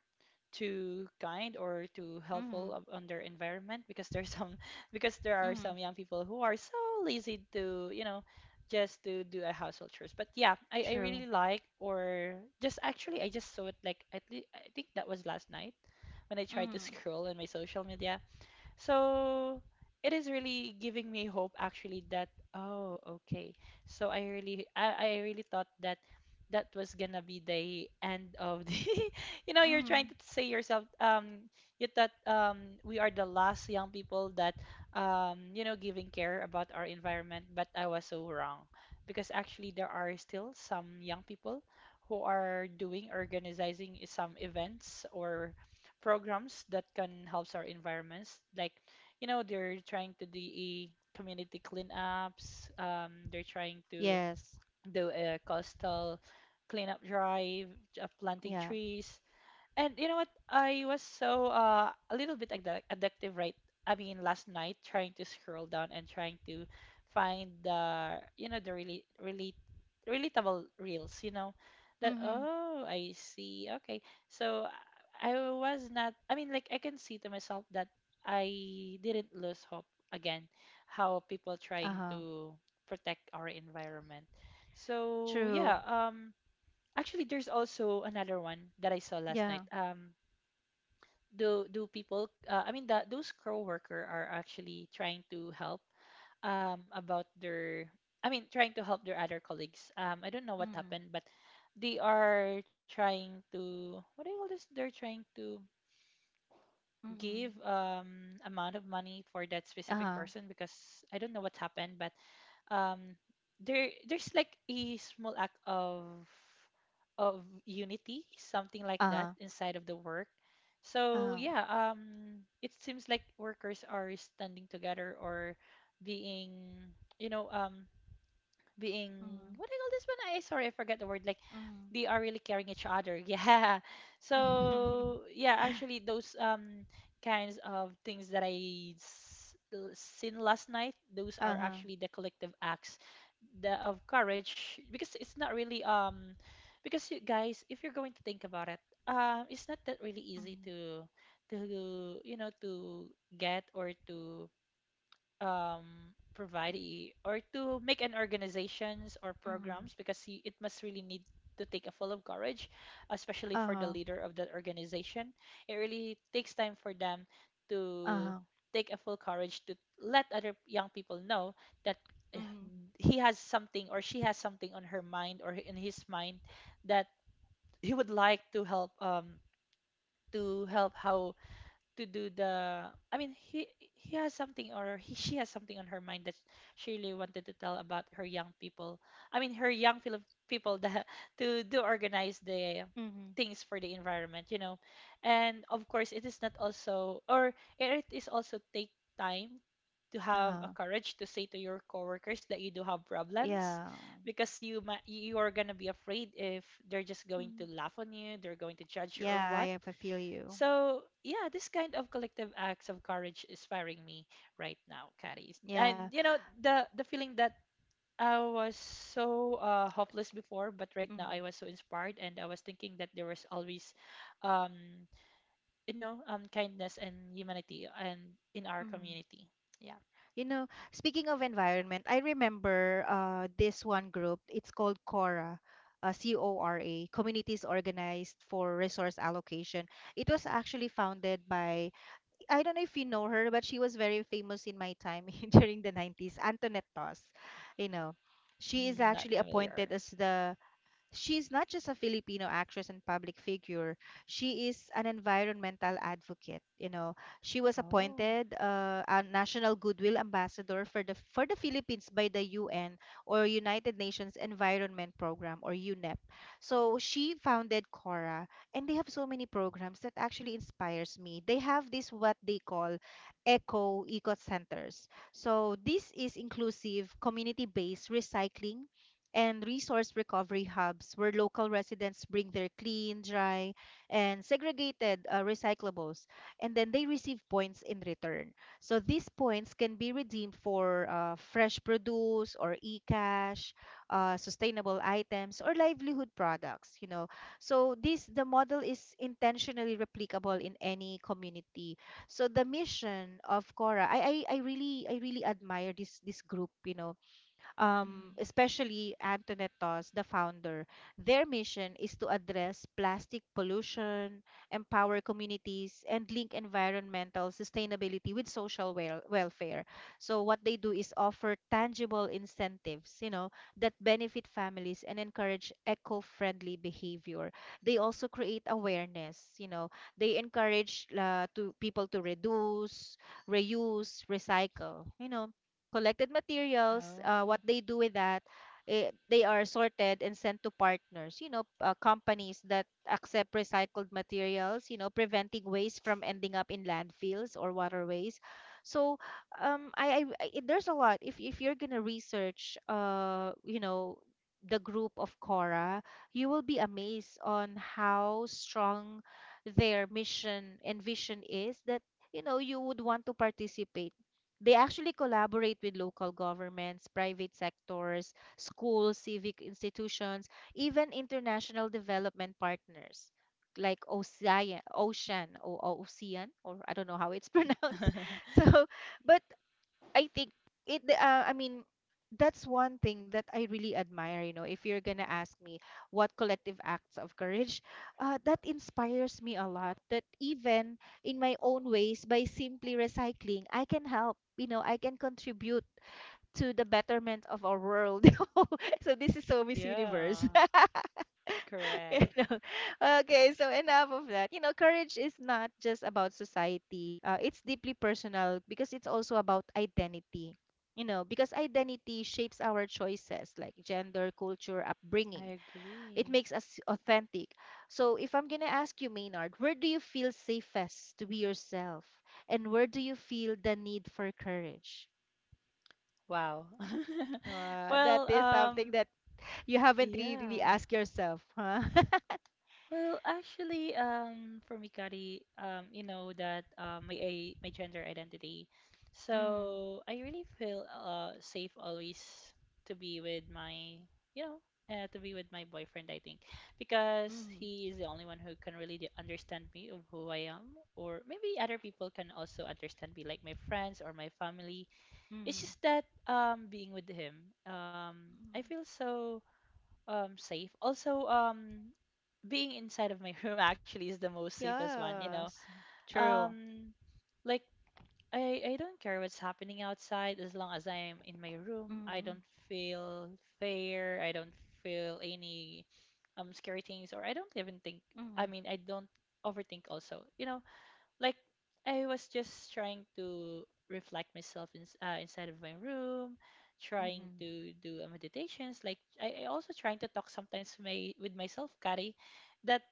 too kind or too helpful on their environment, because there's some because there are Mhm. some young people who are so lazy to just to do a household chores. But yeah, I True. really like, or just actually I just saw it, like, at least I think that was last night when I tried to Mhm. scroll on my social media, so it is really giving me hope, actually, that oh, okay. So I really thought that that was gonna be the end of the you know, you're trying Mhm. to say yourself, you thought we are the last young people that you know giving care about our environment, but I was so wrong, because actually there are still some young people who are doing organizing some events or programs that can help our environments. Like, you know, they're trying to do a community cleanups. They're trying to Yes. do a coastal cleanup drive, planting Yeah. trees. And you know what? I was so a little bit addictive, right? I mean, last night trying to scroll down and trying to find the you know the really really relatable reels, you know, that Mhm. oh, I see, okay. So I was not. I mean, like I can see to myself that I didn't lose hope again. How people trying Uh-huh. to protect our environment. So True. yeah, Actually, there's also another one that I saw last Yeah. night. Do people? I mean, those coworker are actually trying to help. Um, about their, I mean, trying to help their other colleagues. I don't know what Mhm. happened, but they are trying to. What do you call this? They're trying to give Mhm. Amount of money for that specific Uh-huh. person, because I don't know what happened, but um, there's like a small act of unity, something like that, Uh-huh. inside of the work. So Uh-huh. yeah, it seems like workers are standing together or being, you know, um, being, Mhm. what do you call this one? I Sorry, I forgot the word. Like they are really caring each other. Yeah. Mhm. So yeah, actually those kinds of things that I seen last night, those are Uh-huh. actually the collective acts the of courage, because it's not really because you guys, if you're going to think about it, it's not that really easy Mhm. to to get or to um provide or to make an organizations or Mhm. programs, because you, it must really need to take a full of courage, especially for the Uh-huh. leader of that organization. It really takes time for them to Uh-huh. take a full courage to let other young people know that Mhm. he has something or she has something on her mind or in his mind, that he would like to help how to do the, I mean, he has something, or he she has something on her mind that she really wanted to tell about her young people. I mean, her young Filip people that to do organize the Mhm. things for the environment, you know. And of course it is not also, or it is also take time to have a Uh-huh. courage to say to your coworkers that you do have problems, Yeah. because you are gonna be afraid if they're just going Mhm. to laugh on you, they're going to judge you or Yeah, what. I feel you. So yeah, this kind of collective acts of courage inspiring me right now, Caddies. Yeah. And you know the feeling that I was so hopeless before, but right now Mhm. I was so inspired, and I was thinking that there was always, um, kindness and humanity and in our Mhm. community. Yeah. You know, speaking of environment, I remember this one group. It's called CORA, CORA, Communities Organized for Resource Allocation. It was actually founded by, I don't know if you know her, but she was very famous in my time during the 90s, Antoinette Toss. You know, she is Mm, not actually appointed familiar. as the, she's not just a Filipino actress and public figure. She is an environmental advocate. You know, she was Oh. appointed a national goodwill ambassador for the Philippines by the UN, or United Nations Environment Program, or UNEP. So she founded Cora, and they have so many programs that actually inspires me. They have this what they call eco centers. So this is inclusive community-based recycling and resource recovery hubs where local residents bring their clean, dry, and segregated recyclables, and then they receive points in return. So these points can be redeemed for fresh produce or e-cash, sustainable items, or livelihood products. You know, so this the model is intentionally replicable in any community. So the mission of Cora, I really admire this group. You know, Mhm. Especially Antoinette Toss, the founder. Their mission is to address plastic pollution, empower communities, and link environmental sustainability with social welfare. So what they do is offer tangible incentives, you know, that benefit families and encourage eco-friendly behavior. They also create awareness, you know, they encourage to people to reduce, reuse, recycle, you know, collected materials, Oh. What they do with that, they are sorted and sent to partners, you know, companies that accept recycled materials, you know, preventing waste from ending up in landfills or waterways. So, there's a lot. If you're gonna research, you know, the group of Cora, you will be amazed on how strong their mission and vision is, that, you know, you would want to participate. They actually collaborate with local governments, private sectors, schools, civic institutions, even international development partners like OCI, Ocean or Ocean, or I don't know how it's pronounced. So, but I think, it I mean, that's one thing that I really admire, you know. If you're gonna ask me what collective acts of courage, that inspires me a lot. That even in my own ways, by simply recycling, I can help, you know, I can contribute to the betterment of our world. So this is so Miss Yeah, Universe. correct. You know, okay, so enough of that. You know, courage is not just about society, it's deeply personal because it's also about identity, you know, because identity shapes our choices, like gender, culture, I upbringing. It agree. makes us authentic. So if I'm gonna ask you, Maynard, where do you feel safest to be yourself, and where do you feel the need for courage? Wow. That Well, is something that you haven't really really yeah. asked yourself, huh? Well, actually, for me, Kari, you know that my gender identity. Mm-hmm. So I really feel safe always to be with my, to be with my boyfriend. I think because Mm-hmm. he is the only one who can really understand me of who I am, or maybe other people can also understand me, like my friends or my family. It's just that being with him, I Mm-hmm. feel so safe. Also, being inside of my room actually is the most safest one, you know. Yes. True. Um, like I don't care what's happening outside as long as I'm in my room. I Mm, don't feel fear. I don't feel any scary things, or I don't even think. I mm, mean, I don't overthink also. You know, like I was just trying to reflect myself in, inside of my room, trying to do meditations. Like I also trying to talk sometimes my, with myself, Kari, that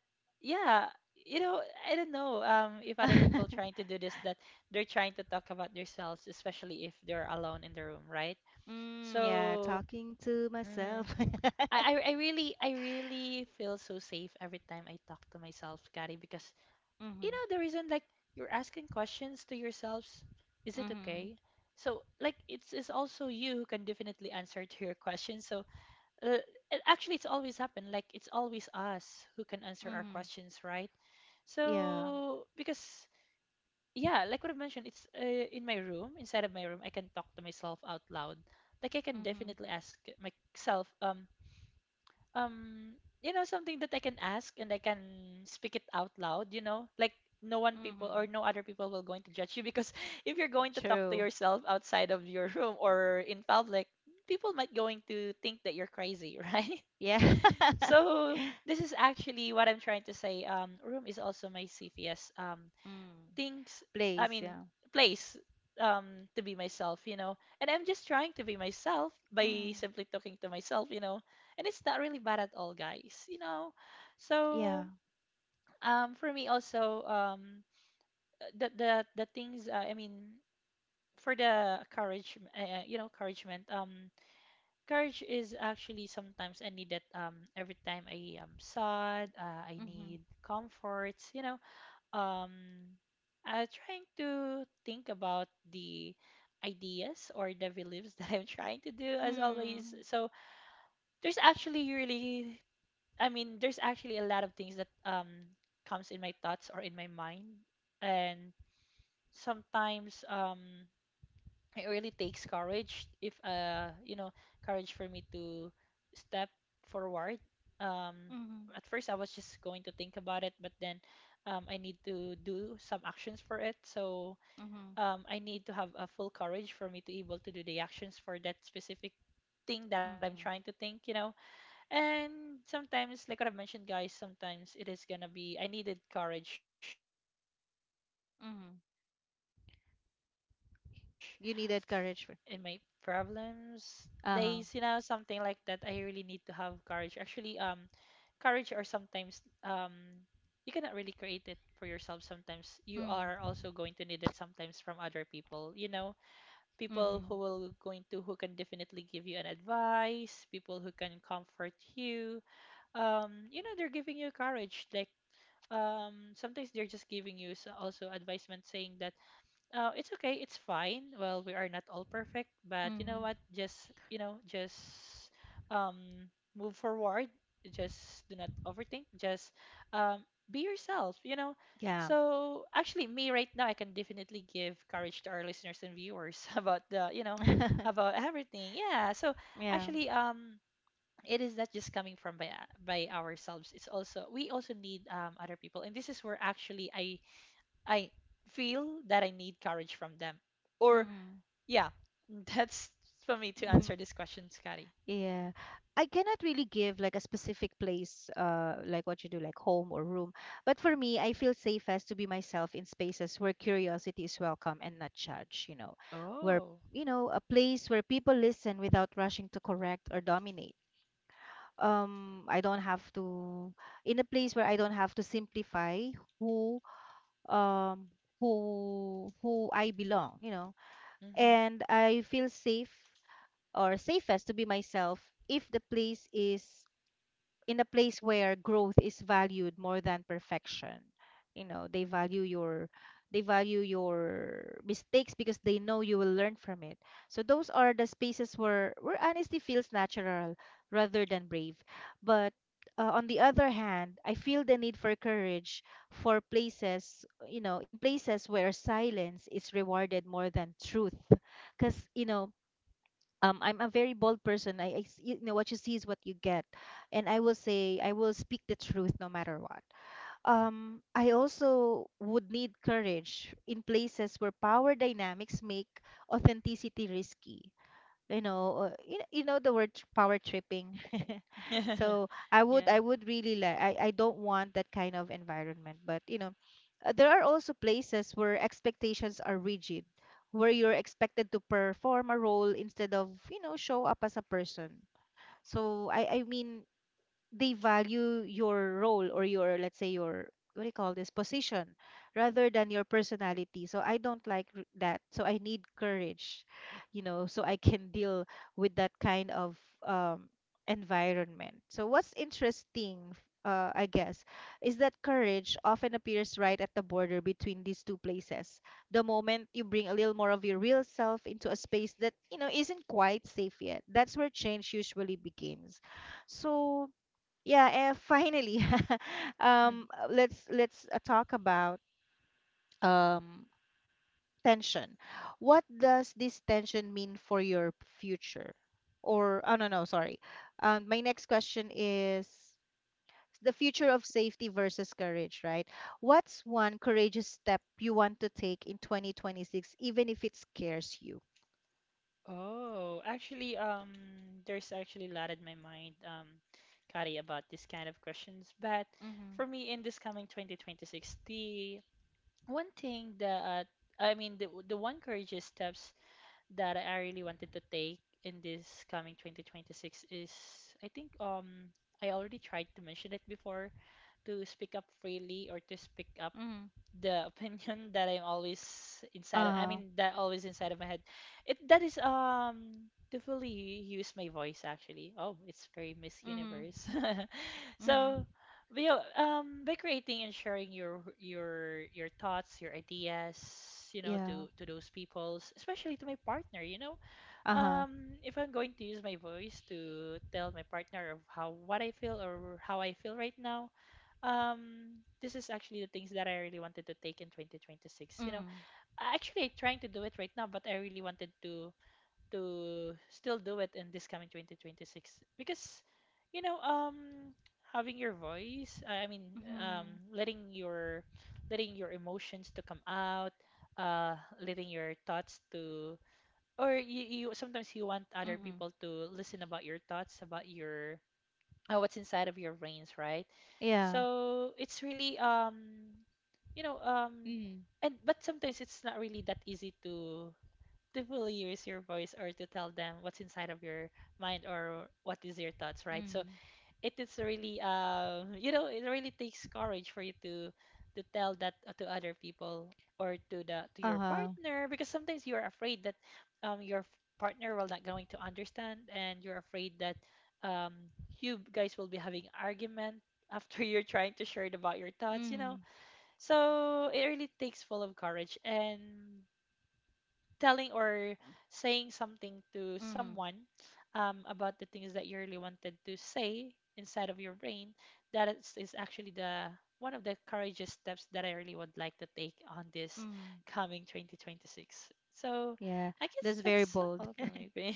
yeah, you know, I don't know if other people mm. trying to do this, that they're trying to talk about themselves, especially if they're alone in the room, right? Mm, yeah, So, talking to mhm. myself. I really feel so safe every time I talk to myself, Kari, because you Mm-hmm. know the reason, like, you're asking questions to yourselves, is it Mm-hmm. okay? So like it's also you who can definitely answer to your questions, so uh, actually it's always happened, like it's always us who can answer our Mm-hmm. questions, right? Yeah. So because yeah, like what I mentioned, it's in my room, inside of my room I can talk to myself out loud, like I can Mm-hmm. definitely ask myself um you know something that I can ask and I can speak it out loud, you know? Like no one people or Mm-hmm. no other people will going to judge you, because if you're going to talk to True. yourself outside of your room or in public, people might going to think that you're crazy, right? Yeah. So this is actually what I'm trying to say. Room is also my CPS Mm. things, i Place, mean yeah. place um to be myself, you know, and I'm just trying to be myself by Mm. simply talking to myself, you know, and it's not really bad at all, guys, you know. So Yeah. For me also, the things for the courage, you know, encouragement. Courage is actually sometimes I need it. Every time I am sad, I Mm-hmm. need comforts, you know. um Trying to think about the ideas or the beliefs that I'm trying to do as always. Mm. So there's actually really, I mean, there's actually a lot of things that comes in my thoughts or in my mind, and sometimes it really takes courage. If courage for me to step forward. um at Mm-hmm. first I was just going to think about it, but then I need to do some actions for it. So Mm-hmm. I need to have a full courage for me to able to do the actions for that specific thing that I'm Mm-hmm. trying to think, you know. And sometimes, like what I've mentioned, guys, sometimes it is gonna be I needed courage in times of Mm-hmm. my sadness, or I think You needed courage for. in my problems Uh-huh. days, you know, something like that. I really need to have courage. Actually, courage, or sometimes, you cannot really create it for yourself. Sometimes you are Mm-hmm. also going to need it sometimes from other people. You know, people Mm-hmm. who will going to, who can definitely give you an advice, people who can comfort you. You know, they're giving you courage. Like sometimes they're just giving you also advisement, saying that, it's okay, it's fine. Well, we are not all perfect, but you know Mm-hmm. what? Just, you know, just um move forward. Just do not overthink. Just um be yourself, you know. Yeah. So actually me right now, I can definitely give courage to our listeners and viewers about the, you know, about everything. Yeah. So Yeah. actually, it is not just coming from by ourselves. It's also, we also need other people. And this is where actually I feel that I need courage from them. Or, Mm-hmm. yeah, that's for me to answer this question, Scotty. Yeah. I cannot really give like a specific place, like what you do, like home or room. But for me, I feel safest to be myself in spaces where curiosity is welcome and not judged, you know, where, Oh. you know, a place where people listen without rushing to correct or dominate. I don't have to, in a place where I don't have to simplify who, um, who I belong, you know, and I feel safe or safest to be myself if the place is in a place where growth is valued more than perfection. You know, they value your, they value your mistakes, because they know you will learn from it. So those are the spaces where honesty feels natural rather than brave. But on the other hand, I feel the need for courage for places, you know, in places where silence is rewarded more than truth. Because, you know, I'm a very bold person. You know, what you see is what you get, and I will say, I will speak the truth no matter what. I also would need courage in places where power dynamics make authenticity risky, you know, you know, you know the word, power tripping. Mm-hmm. So i would Yeah. i would really like, I don't want that kind of environment, but you know, there are also places where expectations are rigid, where you're expected to perform a role instead of, you know, show up as a person. So I mean they value your role, or your, let's say, your, what do you call this, position, rather than your personality. So I don't like that. So I need courage, you know, so I can deal with that kind of, um, environment. So what's interesting, I guess, is that courage often appears right at the border between these two places. The moment you bring a little more of your real self into a space that you know isn't quite safe yet, that's where change usually begins. So, yeah, finally, Mhm. Let's talk about, um tension. What does this tension mean for your future? Or, oh, no, no, sorry. My next question is the future of safety versus courage, right? What's one courageous step you want to take in 2026, even if it scares you? Oh, actually, there's actually a lot in my mind, Kari, about this kind of questions. But Mm-hmm. for me, in this coming 2026, the one thing that, I mean, the one courageous steps that I really wanted to take in this coming 2026 is, I think, I already tried to mention it before, to speak up freely, or to speak up Mm-hmm. the opinion that I'm always inside of, I Uh-huh. mean, that always inside of my head. It, that is, to fully use my voice, actually. Oh, it's very Miss Mm-hmm. Universe. Mm-hmm. So but yeah, by creating and sharing your thoughts, your ideas, you know, Yeah. to those peoples, especially to my partner, you know, Uh-huh. If I'm going to use my voice to tell my partner of how, what I feel or how I feel right now, this is actually the things that I really wanted to take in 2026. You know, Mm-hmm. I actually trying to do it right now, but I really wanted to still do it in this coming 2026 because, you know, having your voice, I mean, um, letting your letting your emotions to come out, uh, letting your thoughts to, or you sometimes you want other Mm-hmm. people to listen about your thoughts, about your what's inside of your brains, right? Yeah. So it's really you know um Mm. and but sometimes it's not really that easy to fully use your voice or to tell them what's inside of your mind or what is your thoughts, right? So Mm. it is really it really takes courage for you to tell that, to other people or to the to your Uh-huh. partner, because sometimes you're afraid that your partner will not going to understand, and you're afraid that um you guys will be having argument after you're trying to share it about your thoughts, you know. Mm. So it really takes full of courage, and telling or saying something to Mm. someone, about the things that you really wanted to say inside of your brain, that is actually the one of the courageous steps that I really would like to take on this Mm. coming 2026. So Yeah, I guess that's very that's bold. all for me, babe.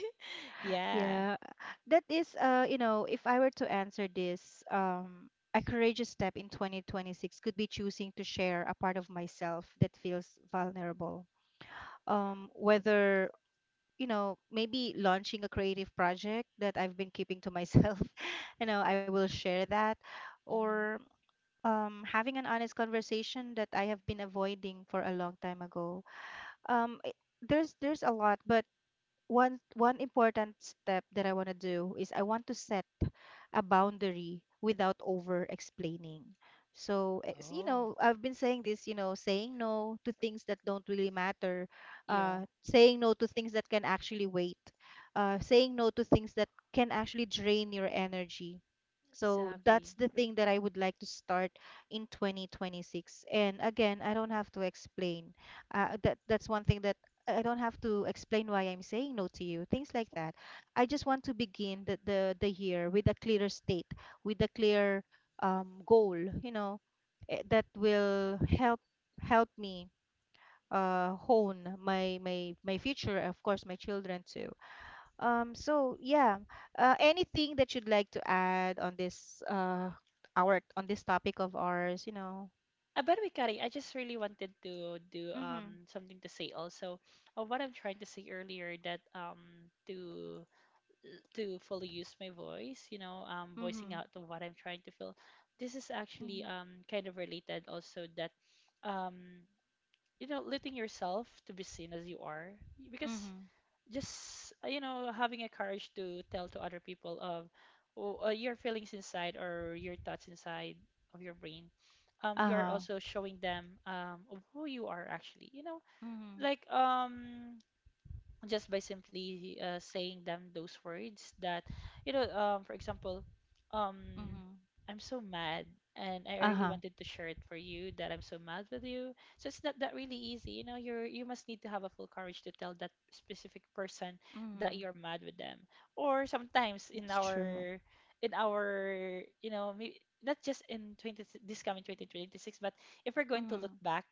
Yeah. Yeah, that is, you know, if I were to answer this, a courageous step in 2026 could be choosing to share a part of myself that feels vulnerable. Whether, you know, maybe launching a creative project that I've been keeping to myself, you know, I will share that, Hmm. or having an honest conversation that I have been avoiding for a long time ago. There's a lot, but one important step that I want to do is I want to set a boundary without over explaining. So, it's, you Oh. know, I've been saying this, you know, saying no to things that don't really matter, Yeah, saying no to things that can actually wait, saying no to things that can actually drain your energy. So exactly. that's the thing that I would like to start in 2026. And again, I don't have to explain. That, that's one thing that I don't have to explain why I'm saying no to you. Things like that. I just want to begin the year with a clearer state, with a clear, goal. You know, that will help me hone my my future, of course, my children too. So yeah, anything that you'd like to add on this, our on this topic of ours, you know? By the way, Kari, I just really wanted to do Mm-hmm. Something to say also. What I'm trying to say earlier, that to fully use my voice, you know, voicing Mm-hmm. out of what I'm trying to feel. This is actually Mm-hmm. Kind of related also, that um you know, letting yourself to be seen as you are, because Mm-hmm. just, you know, having a courage to tell to other people of, oh, your feelings inside or your thoughts inside of your brain, you are Uh-huh. also showing them, of who you are actually. You know, Mm-hmm. like, just by simply, saying them those words that, you know, for example, um Mm-hmm. I'm so mad, and I really Uh-huh. wanted to share it for you that I'm so mad with you. So it's not that really easy, you know. You're, you must need to have a full courage to tell that specific person that Mm-hmm. you're mad with them, or sometimes It's true. In our you know, maybe not just in 20 this coming 2026, but if we're going to look Mm-hmm. back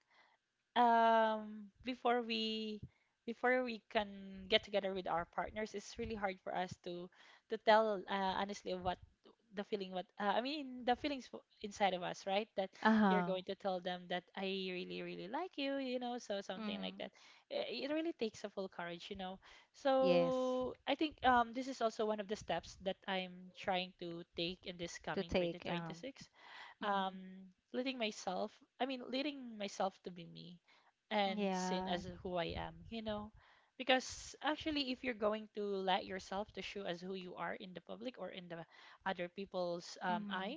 before we, before we can get together with our partners, it's really hard for us to tell, honestly, what the feeling, what, I mean the feelings inside of us, right? That you're Uh-huh. going to tell them that I really really like you know, so something like Mm-hmm. that. It really takes a full courage, you know. Yes. So I think this is also one of the steps that I'm trying to take in this To coming take. 2026. um Mm-hmm. Letting myself, I mean letting myself to be me, and sin Yeah. as who I am, you know. Because actually, if you're going to let yourself to show as who you are in the public, or in the other people's Mm-hmm. eye,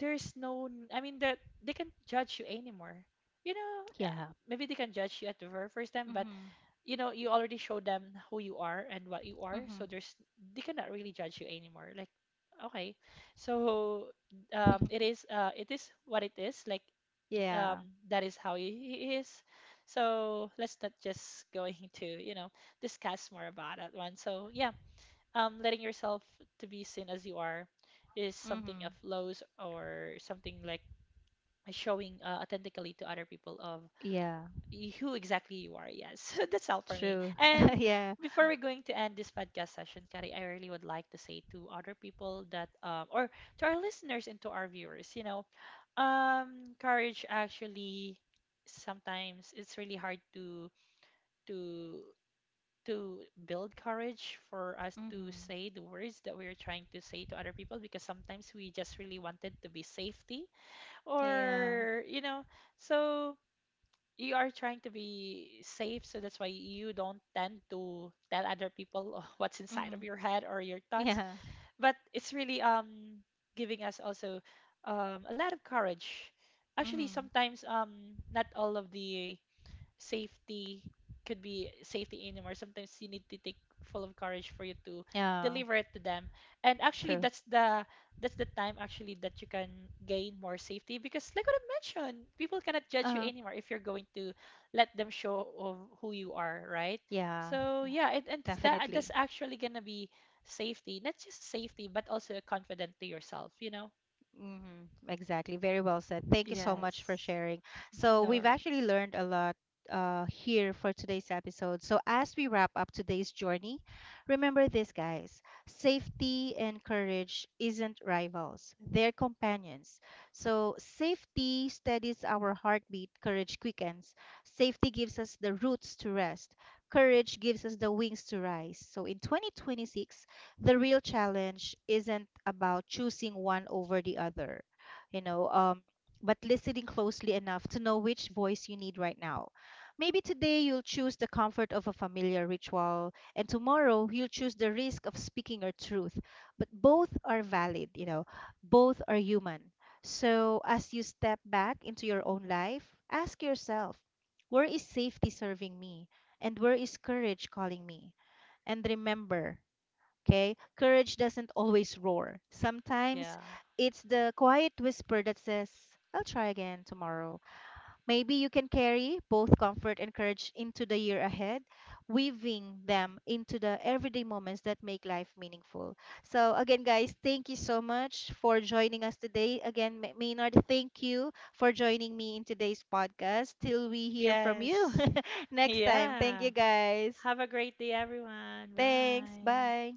there's no n- I mean that they can judge you anymore, you know. Yeah. Maybe they can judge you at the very first time, but Mm-hmm. you know, you already showed them who you are and what you are, Mm-hmm. so there's, they cannot really judge you anymore. Like, okay, so it is, it is what it is. Like, um Yeah. that is how he is, so let's not just going to, you know, discuss more about that one. So yeah, letting yourself to be seen as you are is something of Mm-hmm. lows, or something like showing, authentically to other people of Yeah. Who exactly you are. Yes, that's all for me. True. And Yeah. before we're going to end this podcast session, Kari, I really would like to say to other people that, or to our listeners and to our viewers, you know, courage, actually, sometimes it's really hard to to build courage for us to Mm-hmm. say the words that we're trying to say to other people, because sometimes we just really wanted to be safety, Yeah. or you know. So you are trying to be safe, so that's why you don't tend to tell other people what's inside of Mhm. your head or your thoughts. Yeah. But it's really giving us also a lot of courage. Actually, Mhm. sometimes not all of the safety could be safety anymore. Sometimes you need to take full of courage for you to Yeah. deliver it to them. And actually True. That's the time actually that you can gain more safety, because like what I mentioned, people cannot judge you Uh-huh. anymore if you're going to let them show of who you are, right? Yeah. So Yeah. yeah, it's that, that's Definitely. actually gonna be safety, not just safety, but also confident to yourself, you know? Hmm. Exactly. Very well said. Thank you so much for Yes. sharing. So, No we've actually worries. learned a lot here for today's episode. So, as we wrap up today's journey, remember this, guys, safety and courage isn't rivals, they're companions. So, safety steadies our heartbeat, courage quickens. Safety gives us the roots to rest, courage gives us the wings to rise. So, in 2026, the real challenge isn't about choosing one over the other, you know, but listening closely enough to know which voice you need right now. Maybe today you'll choose the comfort of a familiar ritual, and tomorrow you'll choose the risk of speaking your truth. But both are valid, you know, both are human. So as you step back into your own life, ask yourself, where is safety serving me? And where is courage calling me? And remember, okay? Courage doesn't always roar. Yeah. Sometimes it's the quiet whisper that says, I'll try again tomorrow. Maybe you can carry both comfort and courage into the year ahead, weaving them into the everyday moments that make life meaningful. So, again, guys, thank you so much for joining us today. Again, Maynard, thank you for joining me in today's podcast. Till we hear from you Yes. next time. Thank you, Yeah. guys. Have a great day, everyone. Thanks. Bye. Bye.